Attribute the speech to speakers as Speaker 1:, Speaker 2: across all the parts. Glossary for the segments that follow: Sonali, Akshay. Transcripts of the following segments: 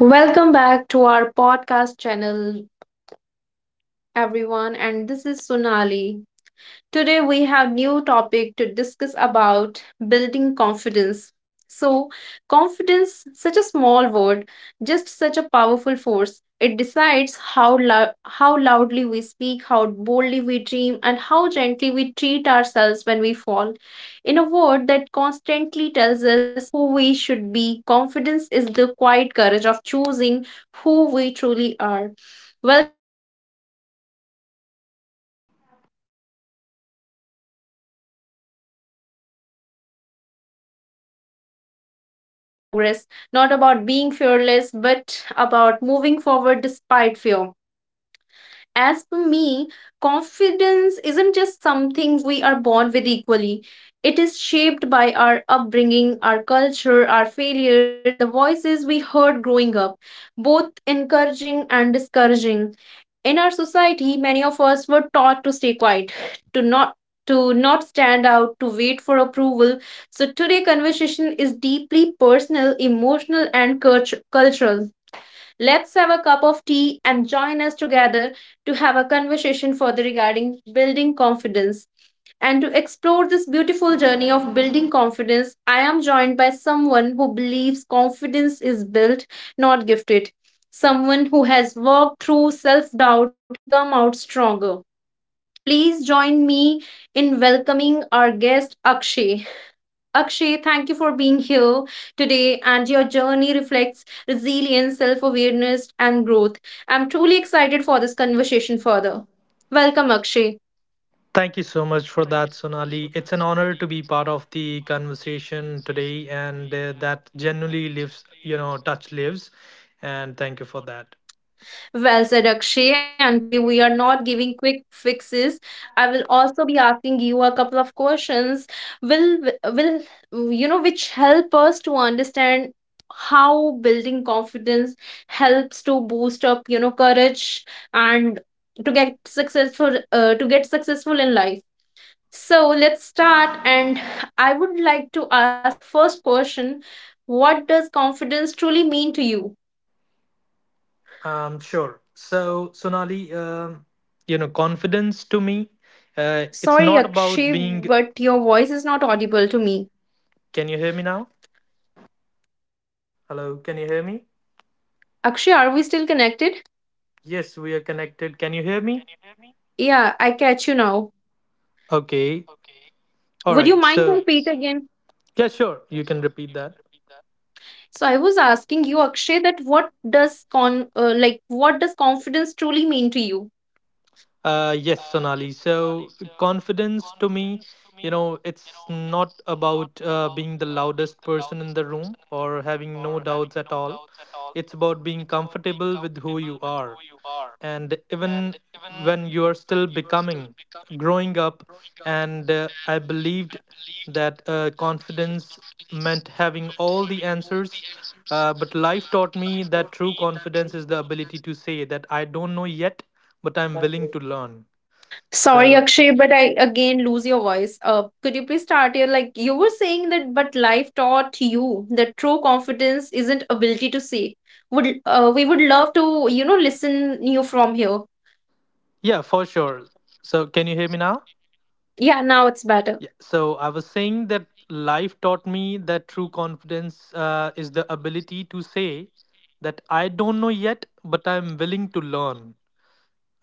Speaker 1: Welcome back to our podcast channel, everyone. And this is Sonali. Today we have new topic to discuss about building confidence. So, confidence, such a small word, just such a powerful force. It decides how loudly we speak, how boldly we dream, and how gently we treat ourselves when we fall. In a word that constantly tells us who we should be, confidence is the quiet courage of choosing who we truly are. Welcome everyone to this soulful space where stories matter, emotions are honored, and growth is celebrated. This podcast is not about perfection, it's about progress, not about being fearless, but about moving forward despite fear. As for me, confidence isn't just something we are born with equally. It is shaped by our upbringing, our culture, our failures, and the voices we heard growing up, both encouraging and discouraging. In our society, many of us were taught to stay quiet, to not to not stand out, to wait for approval. So today conversation is deeply personal, emotional and cultural. Let's have a cup of tea and join us together to have a conversation further regarding building confidence. And to explore this beautiful journey of building confidence, I am joined by someone who believes confidence is built, not gifted. Someone who has worked through self doubt and come out stronger. Please join me in welcoming our guest Akshay. Akshay, thank you for being here today, and your journey reflects resilience, self awareness, and growth. I'm truly excited for this conversation further. Welcome, Akshay.
Speaker 2: Thank you so much for that, Sonali. It's an honor to be part of the conversation today, and that genuinely lives, touch lives. And thank you for that.
Speaker 1: Well said, Akshay. And today we are not giving quick fixes. I will also be asking you a couple of questions. Will will, which help us to understand how building confidence helps to boost up courage and to get successful in life. So let's start. And I would like to ask first question. What does confidence truly mean to you?
Speaker 2: Sure. So, Sonali, you know, confidence to me, it's
Speaker 1: Sorry,
Speaker 2: not about
Speaker 1: Akshay,
Speaker 2: being.
Speaker 1: but your voice is not audible to me.
Speaker 2: Can you hear me now? Hello, can you hear me?
Speaker 1: Akshay, are we still connected?
Speaker 2: Yes, we are connected. Can you hear me?
Speaker 1: Yeah, I catch you now.
Speaker 2: Okay. All
Speaker 1: Would you
Speaker 2: right.
Speaker 1: mind to
Speaker 2: So,
Speaker 1: repeat again?
Speaker 2: yeah, sure. You can repeat that.
Speaker 1: So I was asking you, Akshay, that what does con like what does confidence truly mean to you?
Speaker 2: Yes, Sonali. So, confidence to me, you know, it's not about being the loudest person in the room or having no doubts at all. It's about being comfortable with who you are. And even when you are still becoming, growing up, and I believed that confidence meant having all the answers. But life taught me that true confidence is the ability to say that I don't know yet, but I'm willing to learn.
Speaker 1: Sorry,
Speaker 2: So,
Speaker 1: Akshay, but I again lose your voice. Could you please start here? Like you were saying that, but life taught you that true confidence isn't ability to say. Would We would love to listen you from here.
Speaker 2: yeah, for sure. So, can you hear me now?
Speaker 1: Yeah, now it's better.
Speaker 2: Yeah. So, I was saying that life taught me that true confidence is the ability to say that I don't know yet, but I'm willing to learn.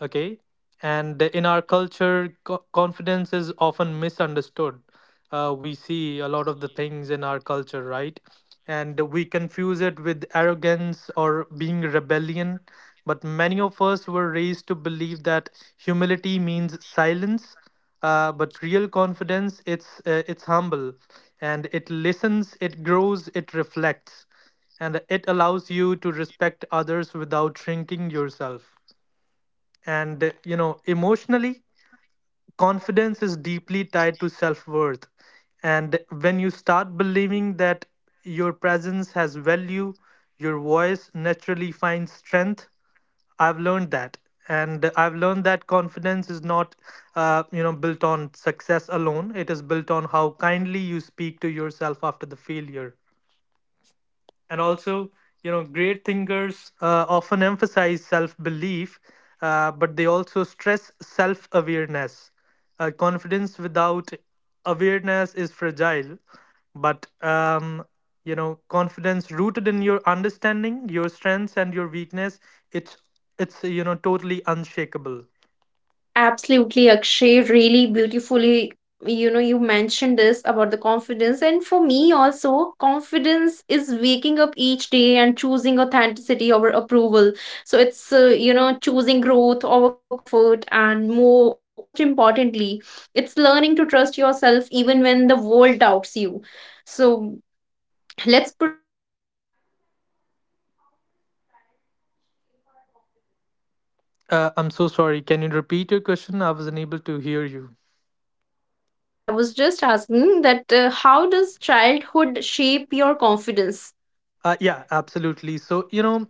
Speaker 2: Okay. And in our culture, confidence is often misunderstood. We see a lot of the things in our culture, right? And we confuse it with arrogance or being rebellion. But many of us were raised to believe that humility means silence. But real confidence, it's humble, and it listens, it grows, it reflects, and it allows you to respect others without shrinking yourself, and you know, emotionally, confidence is deeply tied to self-worth. And when you start believing that your presence has value, your voice naturally finds strength. I've learned that, and I've learned that confidence is not you know, built on success alone. It is built on how kindly you speak to yourself after the failure. And also, you know, great thinkers often emphasize self-belief, but they also stress self-awareness. Confidence without awareness is fragile, but you know, confidence rooted in your understanding your strengths and your weakness, it's it's you know, totally unshakable.
Speaker 1: Absolutely, Akshay. Really beautifully, you mentioned this about the confidence. And for me, also, confidence is waking up each day and choosing authenticity over approval. So it's choosing growth over comfort. And most importantly, it's learning to trust yourself even when the world doubts you. So let's proceed. And I would like to ask you, how does childhood shape our confidence?
Speaker 2: I'm so sorry, can you repeat your question? I was unable to hear you.
Speaker 1: No worries. I was just asking that how does childhood shape your confidence?
Speaker 2: Yeah, absolutely. So, you know,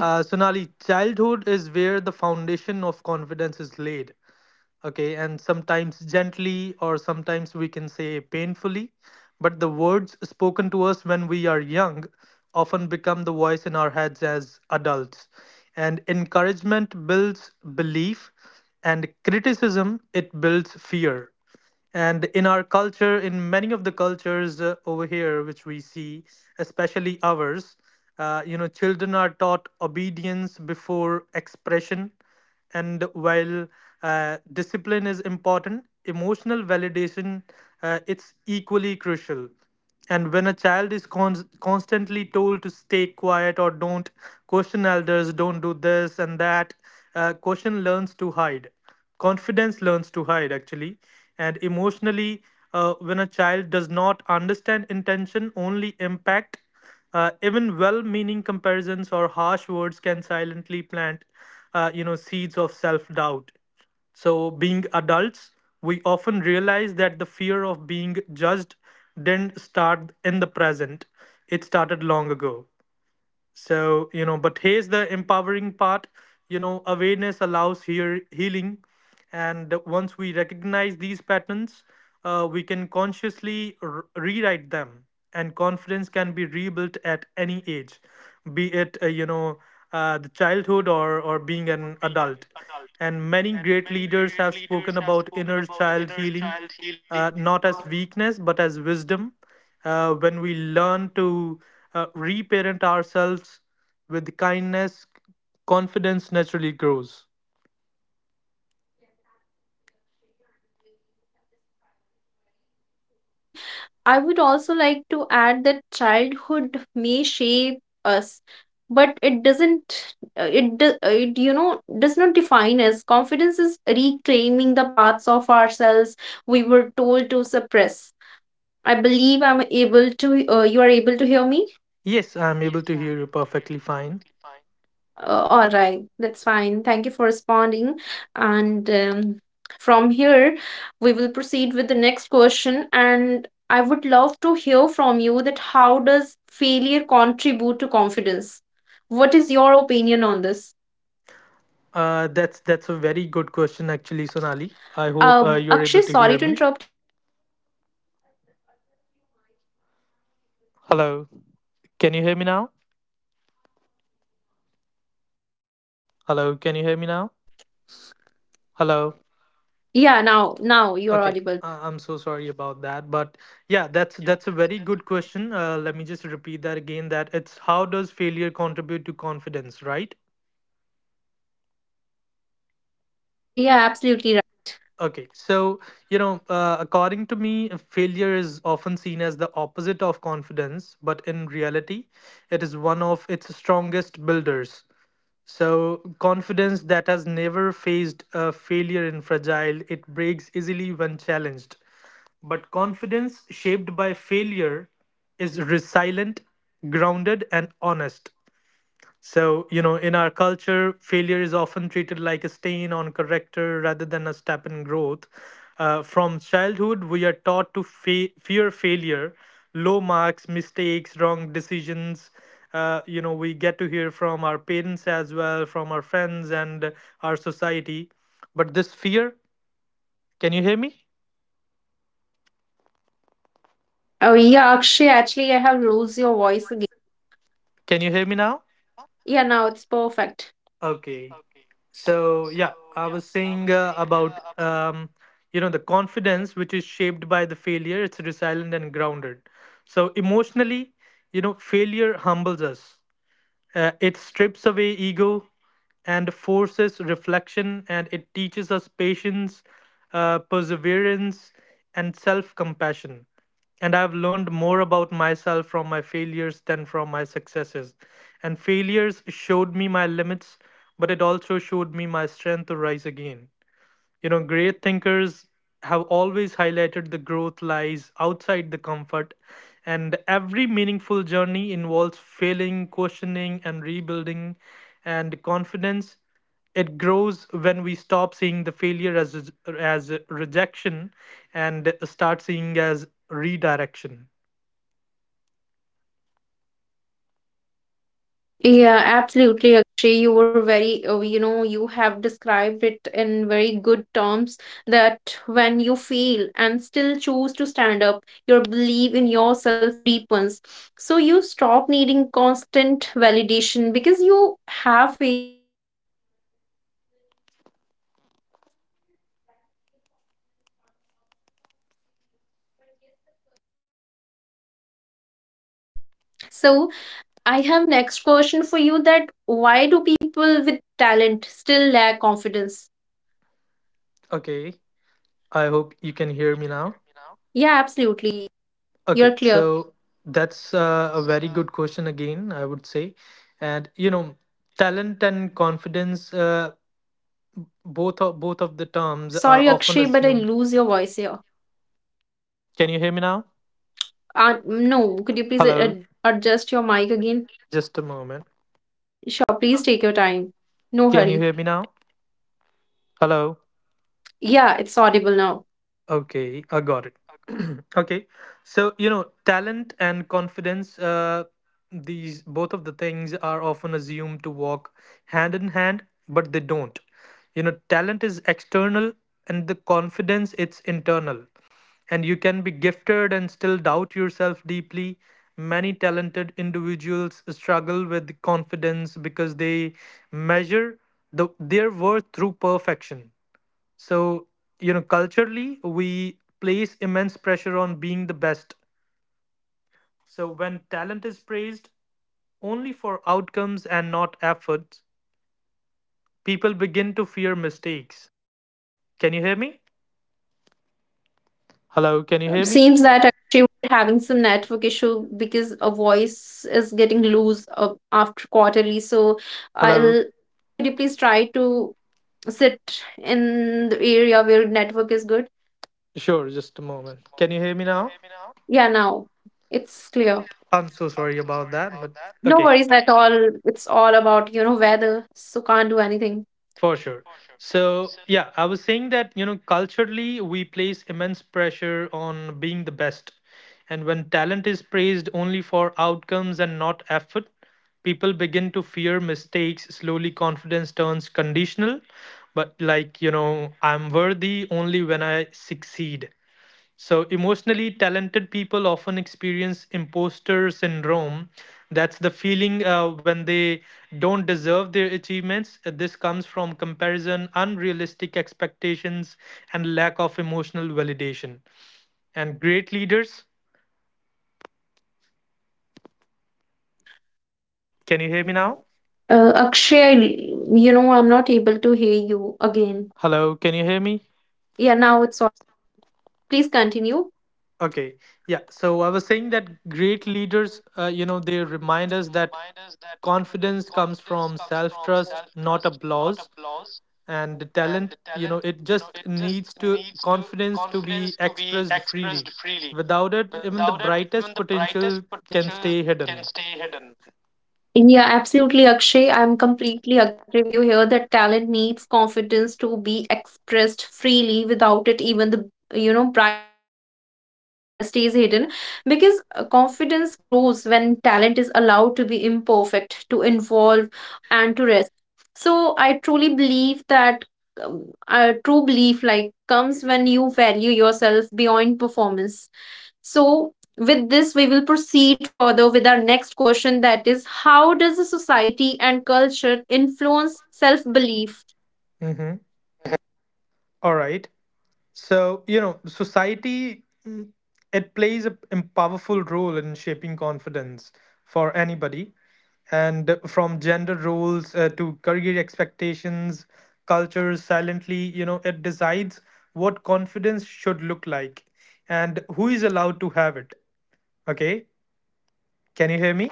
Speaker 2: Sonali, childhood is where the foundation of confidence is laid. Okay. And sometimes gently, or sometimes we can say painfully, but the words spoken to us when we are young often become the voice in our heads as adults. And encouragement builds belief, and criticism, it builds fear. And in our culture, in many of the cultures over here which we see, especially ours, you know, children are taught obedience before expression. And while discipline is important, emotional validation, it's equally crucial. And when a child is constantly told to stay quiet or don't question elders, don't do this and that, question learns to hide. Confidence learns to hide, actually. And emotionally, when a child does not understand intention, only impact, even well meaning comparisons or harsh words can silently plant you know, seeds of self doubt. So, being adults, we often realize that the fear of being judged didn't start in the present, it started long ago. So, you know, but here's the empowering part. You know, awareness allows here healing. And once we recognize these patterns, we can consciously rewrite them. And confidence can be rebuilt at any age, be it, the childhood or being an adult. And many great leaders have spoken about inner child healing, not as weakness, but as wisdom. When we learn to reparent ourselves with kindness, confidence naturally grows.
Speaker 1: Yes, absolutely, Akshay, and you have described it very beautifully. I would also like to add that childhood may shape us, but it doesn't, it, do, it, you know, does not define us. Confidence is reclaiming the parts of ourselves we were told to suppress. I believe you are able to hear me?
Speaker 2: Yes, I'm able to hear you perfectly fine.
Speaker 1: All right, that's fine. Thank you for responding. And from here, we will proceed with the next question. And I would love to hear from you that how does failure contribute to confidence? What is your opinion on this?
Speaker 2: That's a very good question, actually, Sonali. I hope you're
Speaker 1: Akshay,
Speaker 2: able to
Speaker 1: sorry
Speaker 2: hear
Speaker 1: to
Speaker 2: me.
Speaker 1: interrupt you in between, but could you please adjust your mic because I'm not able to hear
Speaker 2: Hello,
Speaker 1: you.
Speaker 2: can you hear me now?
Speaker 1: Unfortunately, not.
Speaker 2: Hello, can you hear me now? Hello.
Speaker 1: Yeah, now you're
Speaker 2: Okay,
Speaker 1: audible.
Speaker 2: I'm so sorry about that, but yeah, that's a very good question. Let me just repeat that again. That it's how does failure contribute to confidence, right?
Speaker 1: Yeah, absolutely right.
Speaker 2: Okay, so you know, according to me, failure is often seen as the opposite of confidence, but in reality, it is one of its strongest builders. So, confidence that has never faced a failure in fragile, it breaks easily when challenged. But confidence shaped by failure is resilient, grounded, and honest. So, you know, in our culture, failure is often treated like a stain on character rather than a step in growth. From childhood, we are taught to fear failure, low marks, mistakes, wrong decisions. You know, we get to hear from our parents as well, from our friends and our society. But this fear, can you hear me?
Speaker 1: Oh yeah, Akshay, actually I have lost your voice again.
Speaker 2: Can you hear me now?
Speaker 1: Yeah, now it's perfect.
Speaker 2: Okay. So yeah, I was saying about you know, the confidence which is shaped by the failure. It's resilient and grounded. So emotionally, you know, failure humbles us. It strips away ego and forces reflection, and it teaches us patience, perseverance, and self compassion. And I've learned more about myself from my failures than from my successes. And failures showed me my limits, but it also showed me my strength to rise again. You know, great thinkers have always highlighted the growth lies outside the comfort, and every meaningful journey involves failing, questioning, and rebuilding. And confidence, it grows when we stop seeing the failure as rejection and start seeing as redirection.
Speaker 1: Yeah, absolutely, Akshay. You were very, you have described it in very good terms that when you fail and still choose to stand up, your belief in yourself deepens. So you stop needing constant validation because you have faced your worst fears that lived through them. So I'll say that is real confidence, not the absence of failure, but yes, the courage to continue despite it. So, I have next question for you that why do people with talent still lack confidence?
Speaker 2: Okay, I hope you can hear me now.
Speaker 1: Yeah, absolutely. You're
Speaker 2: Okay,
Speaker 1: clear.
Speaker 2: so that's a very good question again, I would say. And you know, talent and confidence, both of the terms are
Speaker 1: Sorry,
Speaker 2: often
Speaker 1: Akshay, but I
Speaker 2: assumed.
Speaker 1: lose your voice here.
Speaker 2: Can you hear me now?
Speaker 1: No, could you please
Speaker 2: Hello.
Speaker 1: adjust your mic again?
Speaker 2: Just a moment.
Speaker 1: Sure, please take your time. No
Speaker 2: Can you
Speaker 1: hurry.
Speaker 2: hear me now? Hello.
Speaker 1: Yeah, it's audible now.
Speaker 2: Okay, I got it. Okay, so you know, talent and confidence, these both of the things are often assumed to walk hand in hand, but they don't. You know, talent is external, and the confidence, it's internal. And you can be gifted and still doubt yourself deeply. Many talented individuals struggle with confidence because they measure their worth through perfection. So, you know, culturally, we place immense pressure on being the best. So, when talent is praised only for outcomes and not efforts, people begin to fear mistakes. Can you hear me? Hello, can you hear me?
Speaker 1: Seems that Akshay was having some network issue because a voice is getting loose after quarterly. So
Speaker 2: Hello.
Speaker 1: I'll could you please try to sit in the area where network is good.
Speaker 2: Sure, just a moment. Can you hear me now?
Speaker 1: Yeah, now it's clear.
Speaker 2: I'm so sorry about that, but
Speaker 1: No
Speaker 2: okay.
Speaker 1: worries at all. It's all about weather, so can't do anything.
Speaker 2: For sure. So, yeah, I was saying that, you know, culturally, we place immense pressure on being the best. And when talent is praised only for outcomes and not effort, people begin to fear mistakes. Slowly, confidence turns conditional. But, like, you know, I'm worthy only when I succeed. So, emotionally, talented people often experience imposter syndrome. That's the feeling when they don't deserve their achievements. This comes from comparison, unrealistic expectations, and lack of emotional validation. And great leaders, can you hear me now?
Speaker 1: Akshay, I'm not able to hear you again.
Speaker 2: Hello, can you hear me?
Speaker 1: Yeah, now it's all. Please continue.
Speaker 2: Okay, yeah. So, I was saying that great leaders, you know, they remind us that confidence comes from self trust, not applause. And the talent, you know, it just needs to confidence to be expressed freely. Without it, even the brightest potential can stay hidden.
Speaker 1: Yeah, absolutely, Akshay. I'm completely agree with you here that talent needs confidence to be expressed freely. Without it, even the brightest potential stays hidden because confidence grows when talent is allowed to be imperfect, to involve, and to rest. So I truly believe that a true belief like comes when you value yourself beyond performance. So, with this, we will proceed further with our next question, that is, how does a society and culture influence self belief?
Speaker 2: Mm-hmm. All right. So you know, society, it plays a powerful role in shaping confidence for anybody. And from gender roles to career expectations, culture silently, you know, it decides what confidence should look like and who is allowed to have it. Okay. Can you hear me?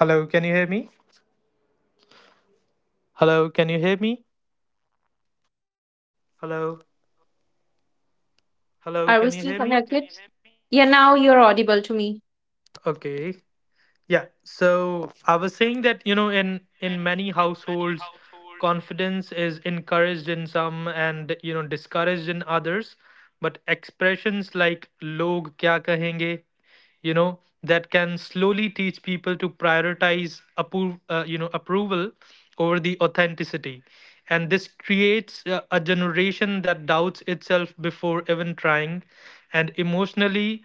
Speaker 2: Hello, can you hear me?
Speaker 1: Akshay, I'm not able to hear you.
Speaker 2: Hello, can you hear me? Hello. Hello,
Speaker 1: Are we
Speaker 2: can you
Speaker 1: still
Speaker 2: hear me?
Speaker 1: connected? Yeah, now you're audible to me.
Speaker 2: Okay. Yeah, so I was saying that, you know, in many households, confidence is encouraged in some and, you know, discouraged in others, but expressions like log kya kahenge, you know, that can slowly teach people to prioritize approve, you know, approval over the authenticity. And this creates a generation that doubts itself before even trying, and emotionally.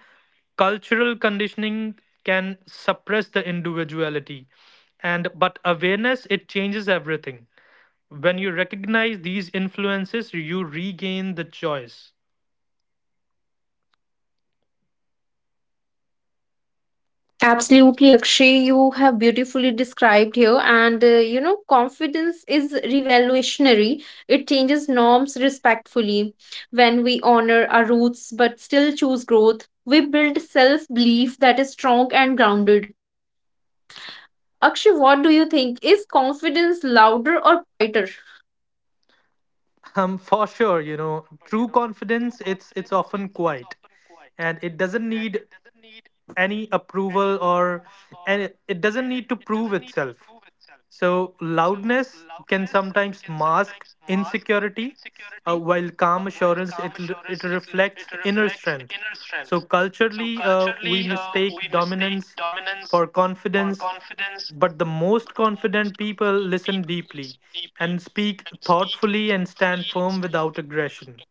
Speaker 2: Cultural conditioning can suppress the individuality, and but awareness, it changes everything. When you recognize these influences, you regain the choice.
Speaker 1: Absolutely, Akshay. You have beautifully described here. And confidence is revolutionary. It changes norms respectfully. When we honor our roots but still choose growth, we build self belief that is strong and grounded. Akshay, what do you think? Is confidence louder or quieter?
Speaker 2: For sure, you know, true confidence, it's often quiet, and it doesn't need any approval or, and it doesn't need to prove itself. So, loudness can sometimes mask insecurity, while calm assurance, it reflects inner strength. So, culturally, we mistake dominance for confidence, but the most confident people listen deeply and speak thoughtfully and stand firm without aggression.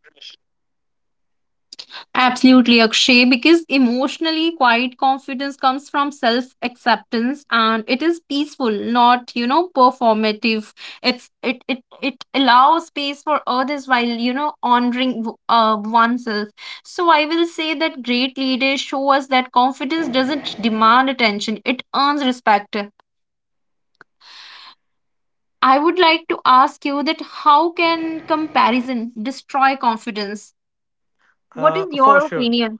Speaker 1: Absolutely, Akshay, because emotionally quiet confidence comes from self acceptance and it is peaceful, not performative. It's it it it allows space for others while honoring oneself. So I will say that great leaders show us that confidence doesn't demand attention; it earns respect. I would like to ask you that how can comparison destroy confidence? What is
Speaker 2: For
Speaker 1: your
Speaker 2: sure.
Speaker 1: opinion?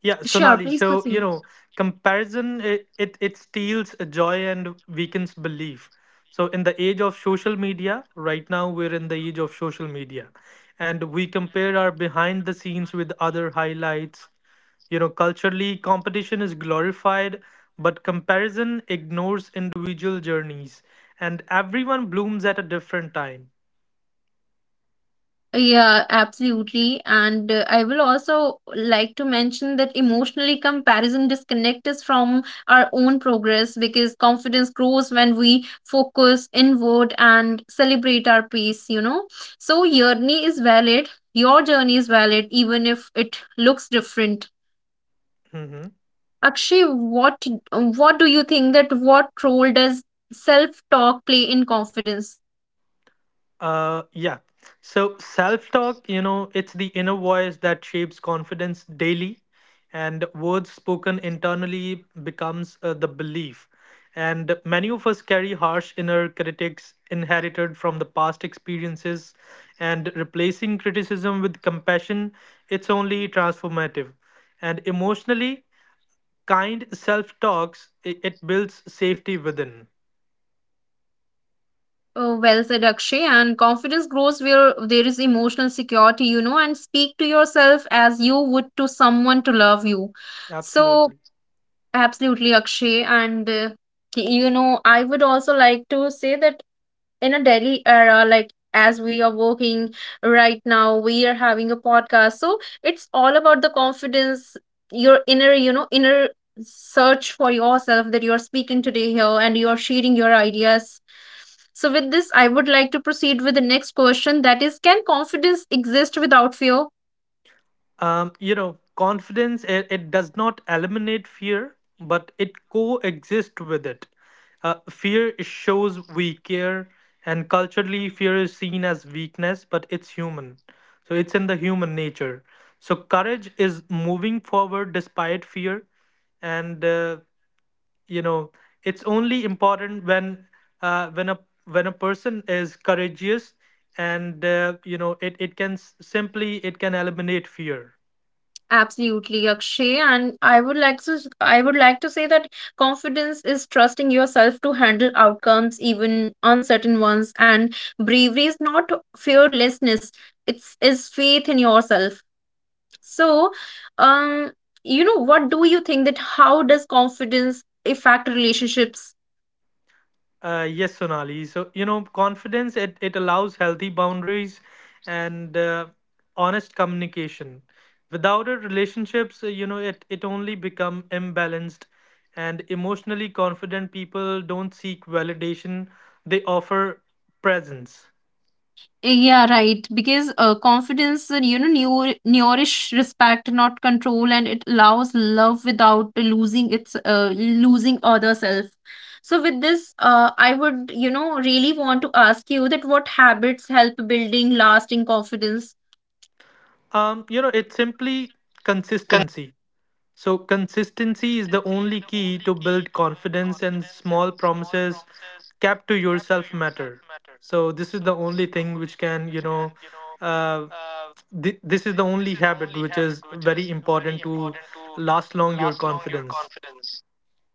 Speaker 2: Yeah,
Speaker 1: Sure,
Speaker 2: Sonali.
Speaker 1: please
Speaker 2: So, you
Speaker 1: proceed.
Speaker 2: know, comparison, it steals joy and weakens belief. So, in the age of social media, right now we're in the age of social media, and we compare our behind the scenes with other highlights. You know, culturally, competition is glorified, but comparison ignores individual journeys, and everyone blooms at a different time.
Speaker 1: Yeah, absolutely. And I will also like to mention that emotionally comparison disconnect us from our own progress because confidence grows when we focus inward and celebrate our pace. So journey is valid. Your journey is valid even if it looks different.
Speaker 2: Mhm.
Speaker 1: Akshay, what do you think that what role does self-talk play in confidence?
Speaker 2: Uh, yeah. So self talk, you know, it's the inner voice that shapes confidence daily, and words spoken internally becomes the belief. And many of us carry harsh inner critics inherited from the past experiences, and replacing criticism with compassion, it's only transformative. And emotionally, kind self talks, it builds safety within.
Speaker 1: Oh, well said, Akshay. And confidence grows where there is emotional security, and speak to yourself as you would to someone to love you. So,
Speaker 2: Absolutely.
Speaker 1: absolutely, Akshay. And, I would also like to say that in a daily era like as we are working right now, we are having a podcast, so it's all about the confidence, your inner search for yourself, that you are speaking today here and you are sharing your ideas. So with this, I would like to proceed with the next question, that is, can confidence exist without fear?
Speaker 2: You know, confidence it does not eliminate fear, but it coexists with it. Fear shows we care, and culturally fear is seen as weakness, but it's human, so it's in the human nature. So courage is moving forward despite fear. And uh, you know it's only important when uh, when a a person is courageous, and you know it can simply, it can eliminate fear.
Speaker 1: Absolutely, Akshay. And I would like to say that confidence is trusting yourself to handle outcomes, even uncertain ones, and bravery is not fearlessness, it's is faith in yourself. So, um, what do you think that how does confidence affect relationships?
Speaker 2: Yes, Sonali. So, you know, confidence it allows healthy boundaries and honest communication. Without it, relationships, you know, it only become imbalanced, and emotionally confident people don't seek validation; they offer presence.
Speaker 1: Yeah, right. Because confidence, nourish respect, not control, and it allows love without losing other self. So with this, I would, really want to ask you that what habits help building lasting confidence?
Speaker 2: You know, it's simply consistency. So, consistency is the only key to build confidence, and small promises kept to yourself matter. So, this is the only thing which can, you know, uh, this is the only habit which is very important to last long your confidence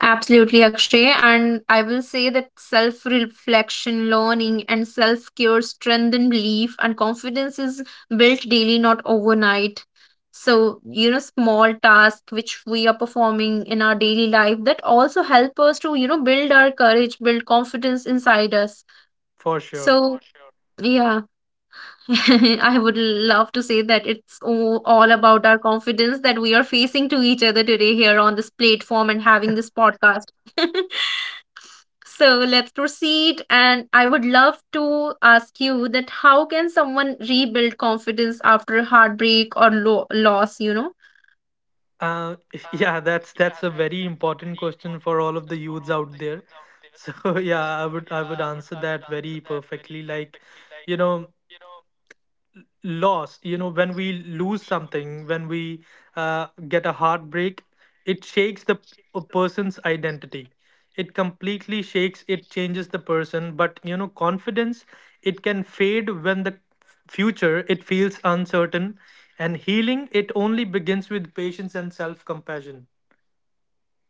Speaker 1: Absolutely, Akshay. And I will say that self reflection, learning, and self care strengthen belief, and confidence is built daily, not overnight. So, small tasks which we are performing in our daily life that also help us to build our courage, build confidence inside us.
Speaker 2: for sure.
Speaker 1: So, sure. Yeah, I would love to say that it's all about our confidence that we are facing to each other today here on this platform and having this podcast. So let's proceed. And I would love to ask you that how can someone rebuild confidence after heartbreak or loss?
Speaker 2: Uh, yeah, that's a very important question for all of the youths out there. So yeah, I would answer that very perfectly. Like, you know, loss, you know, when we lose something, when we get a heartbreak, it shakes a person's identity. It completely shakes, it changes the person. But you know, confidence, it can fade when the future, it feels uncertain. And healing, it only begins with patience and self compassion.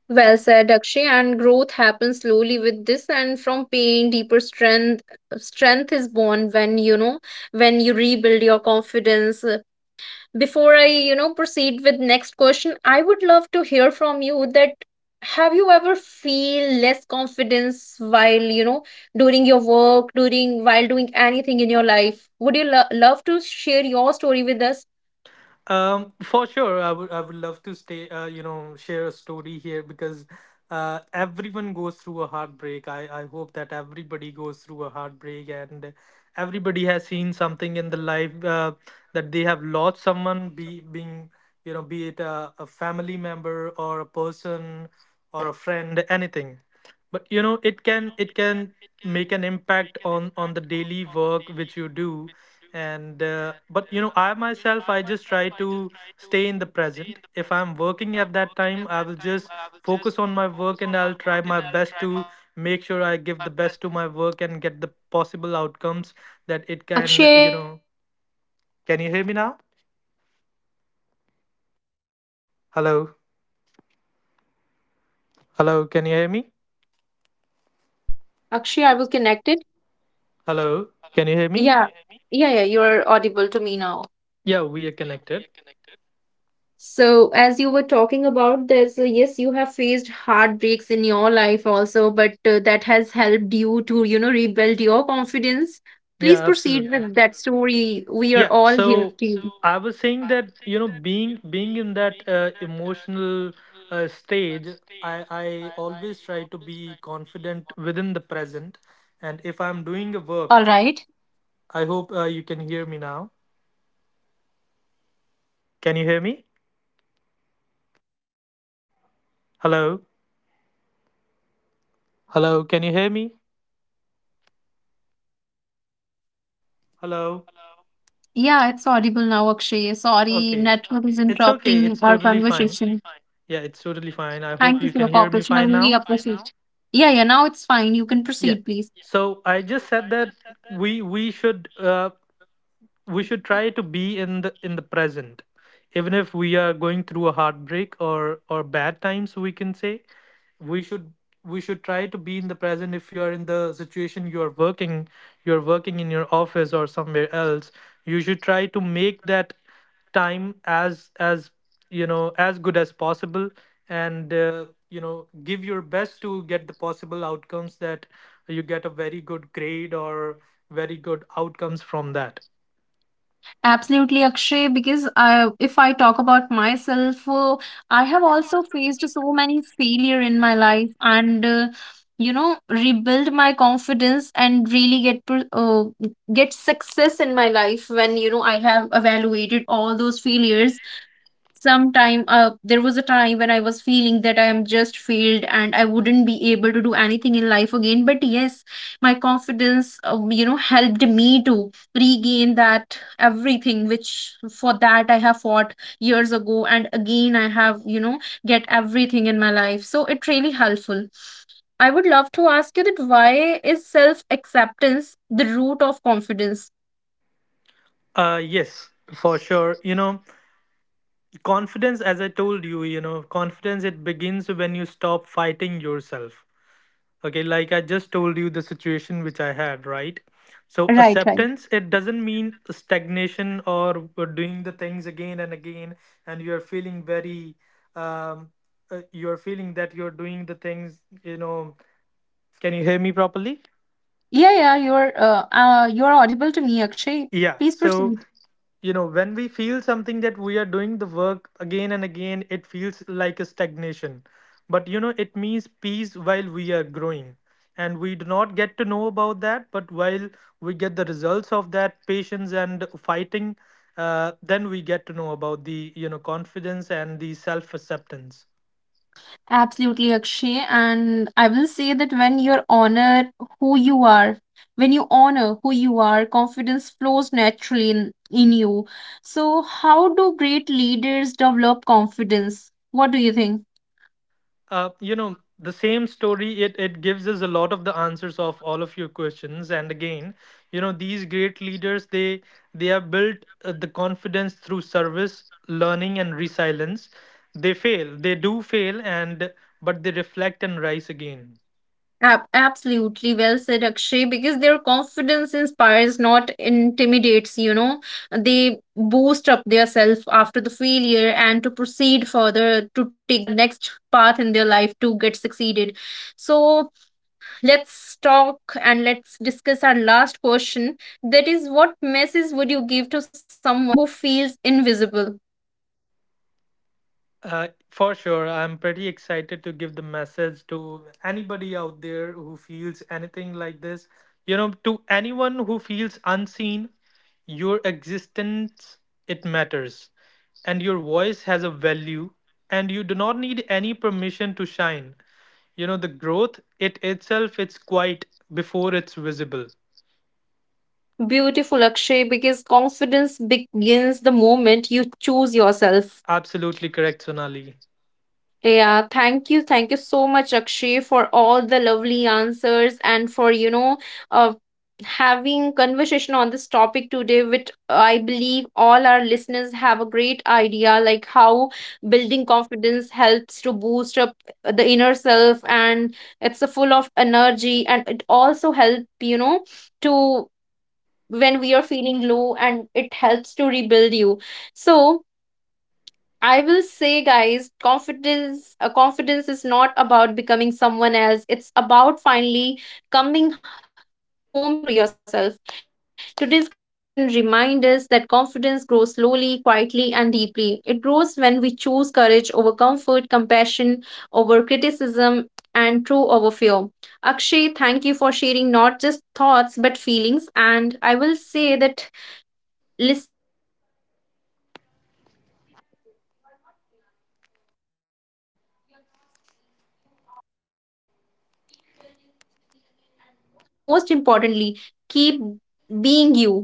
Speaker 1: Well said, Akshay. And growth happens slowly with this, and from pain, deeper strength. Strength is born when you rebuild your confidence. Before I proceed with next question, I would love to hear from you that have you ever feel less confidence while during your work, during while doing anything in your life? Would you love to share your story with us?
Speaker 2: For sure, I would love to stay, you know, share a story here because everyone goes through a heartbreak. I hope that everybody goes through a heartbreak, and everybody has seen something in the life that they have lost someone, be being you know, be it a family member or a person or a friend, anything. But you know, it can make an impact on the daily work which you do. And but you know, I myself, I just try to stay in the present. If I'm working at that time, I will just focus on my work, and I'll try my best to make sure I give the best to my work and get the possible outcomes that it can,
Speaker 1: Akshay,
Speaker 2: you
Speaker 1: are
Speaker 2: know.
Speaker 1: we still connected?
Speaker 2: Can you hear
Speaker 1: Actually, I
Speaker 2: me now?
Speaker 1: lose your voice again.
Speaker 2: Hello. Hello, can you hear me?
Speaker 1: Akshay, are we connected?
Speaker 2: Hello, can you hear me?
Speaker 1: Yeah. Yeah, you're audible to me now.
Speaker 2: Yeah, we are connected.
Speaker 1: So, as you were talking about, there's yes, you have faced heartbreaks in your life also, but that has helped you to, you know, rebuild your confidence. Please
Speaker 2: Yeah,
Speaker 1: proceed
Speaker 2: absolutely.
Speaker 1: with that story. We are
Speaker 2: Yeah,
Speaker 1: all here
Speaker 2: so
Speaker 1: to you.
Speaker 2: I was saying that you know being in that emotional stage, I always try to be confident within the present, and if I'm doing a
Speaker 1: All
Speaker 2: work,
Speaker 1: right.
Speaker 2: I hope you can hear me now. Can you hear me?
Speaker 1: Sorry, Akshay, but
Speaker 2: Hello,
Speaker 1: I didn't catch you again.
Speaker 2: hello. Can you hear me? Hello.
Speaker 1: Yeah, it's audible now, Akshay. Sorry,
Speaker 2: Okay.
Speaker 1: network is
Speaker 2: It's okay,
Speaker 1: interrupting
Speaker 2: it's
Speaker 1: our
Speaker 2: totally fine.
Speaker 1: conversation.
Speaker 2: Yeah, it's totally fine. I
Speaker 1: Thank
Speaker 2: hope
Speaker 1: you
Speaker 2: you
Speaker 1: for the
Speaker 2: can hear me
Speaker 1: cooperation. I
Speaker 2: fine
Speaker 1: really
Speaker 2: now.
Speaker 1: appreciate. Yeah, yeah, now it's fine. You can
Speaker 2: Yeah.
Speaker 1: proceed, please.
Speaker 2: So I just said that we we should. Uh, we should try to be in the present, even if we are going through a heartbreak or bad times, we can say. We should, we should try to be in the present. If you are in the situation, you are working, you're working in your office or somewhere else, you should try to make that time as you know, as good as possible. And you know, give your best to get the possible outcomes that you get a very good grade or very good outcomes from that.
Speaker 1: Absolutely, Akshay, because I, if I talk about myself, I have also faced so many failure in my life, and you know, rebuild my confidence and really get get success in my life when you know I have evaluated all those failures. Sometime there was a time when I was feeling that I am just failed and I wouldn't be able to do anything in life again, but yes, my confidence you know, helped me to regain that everything which for that I have fought years ago, and again I have, you know, get everything in my life, so it really helpful. I would love to ask you that why is self acceptance the root of confidence?
Speaker 2: Yes, for sure. You know, confidence, as I told you, you know, confidence, it begins when you stop fighting yourself. Okay, like I just told you the situation which I had, right? So,
Speaker 1: Right, right.
Speaker 2: acceptance, it doesn't mean stagnation or doing the things again and again, and you're feeling very, um, you're feeling that you're doing the things, you know. Can you hear me properly?
Speaker 1: Yeah, yeah, you're audible to me, Akshay.
Speaker 2: Yeah,
Speaker 1: Please
Speaker 2: so
Speaker 1: proceed.
Speaker 2: you know, when we feel something that we are doing the work again and again, it feels like a stagnation. But you know, it means peace while we are growing, and we do not get to know about that. But while we get the results of that patience and fighting, then we get to know about the, you know, confidence and the self acceptance.
Speaker 1: Absolutely, Akshay. And I will say that when you honor who you are, when you honor who you are, confidence flows naturally in you. So, how do great leaders develop confidence? What do you think?
Speaker 2: You know, the same story, it gives us a lot of the answers of all of your questions. And again, you know, these great leaders, they have built the confidence through service, learning, and resilience. They fail, they do fail, and but they reflect and rise again.
Speaker 1: Absolutely well said, Akshay, because their confidence inspires, not intimidates, you know. They boost up their self after the failure and to proceed further, to take the next path in their life to get succeeded. So let's talk and let's discuss our last question. That is, what message would you give to someone who feels invisible?
Speaker 2: For sure, I'm pretty excited to give the message to anybody out there who feels anything like this. You know, to anyone who feels unseen, your existence, it matters. And your voice has a value. And you do not need any permission to shine. You know, the growth, it itself, it's quiet before it's visible.
Speaker 1: Beautiful, Akshay, because confidence begins the moment you choose yourself.
Speaker 2: Absolutely correct, Sonali.
Speaker 1: Yeah, thank you. Thank you so much, Akshay, for all the lovely answers and for, uh, having conversation on this topic today, which I believe all our listeners have a great idea, like how building confidence helps to boost up the inner self, and it's a full of energy, and it also help, to when we are feeling low, and it helps to rebuild you. So, I will say, guys, confidence. Confidence is not about becoming someone else. It's about finally coming home to yourself. Today's conversation reminds us that confidence grows slowly, quietly, and deeply. It grows when we choose courage over comfort, compassion over criticism, and true over fear. Akshay, thank you for sharing not just thoughts but feelings. And I will say that listeners, if this conversation touched you, remember you are not behind, behind, you're not weak, you are not alone. Keep building, keep believing, and most importantly, keep being you.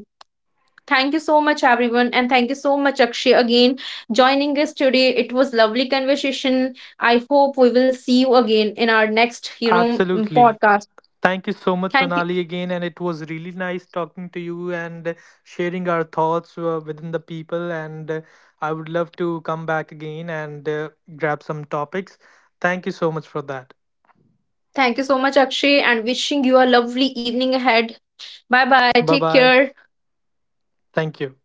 Speaker 1: Thank you so much everyone, and thank you so much Akshay again, joining us today. It was lovely conversation. I hope we will see you again in our next
Speaker 2: Absolutely.
Speaker 1: podcast.
Speaker 2: Thank you so much,
Speaker 1: Thank you.
Speaker 2: Sonali, again. And it was really nice talking to you and sharing our thoughts within the people. And I would love to come back again and grab some topics. Thank you so much for that.
Speaker 1: Thank you so much, Akshay, and wishing you a lovely evening ahead. Bye bye.
Speaker 2: Bye
Speaker 1: Take
Speaker 2: bye.
Speaker 1: care.
Speaker 2: Thank you.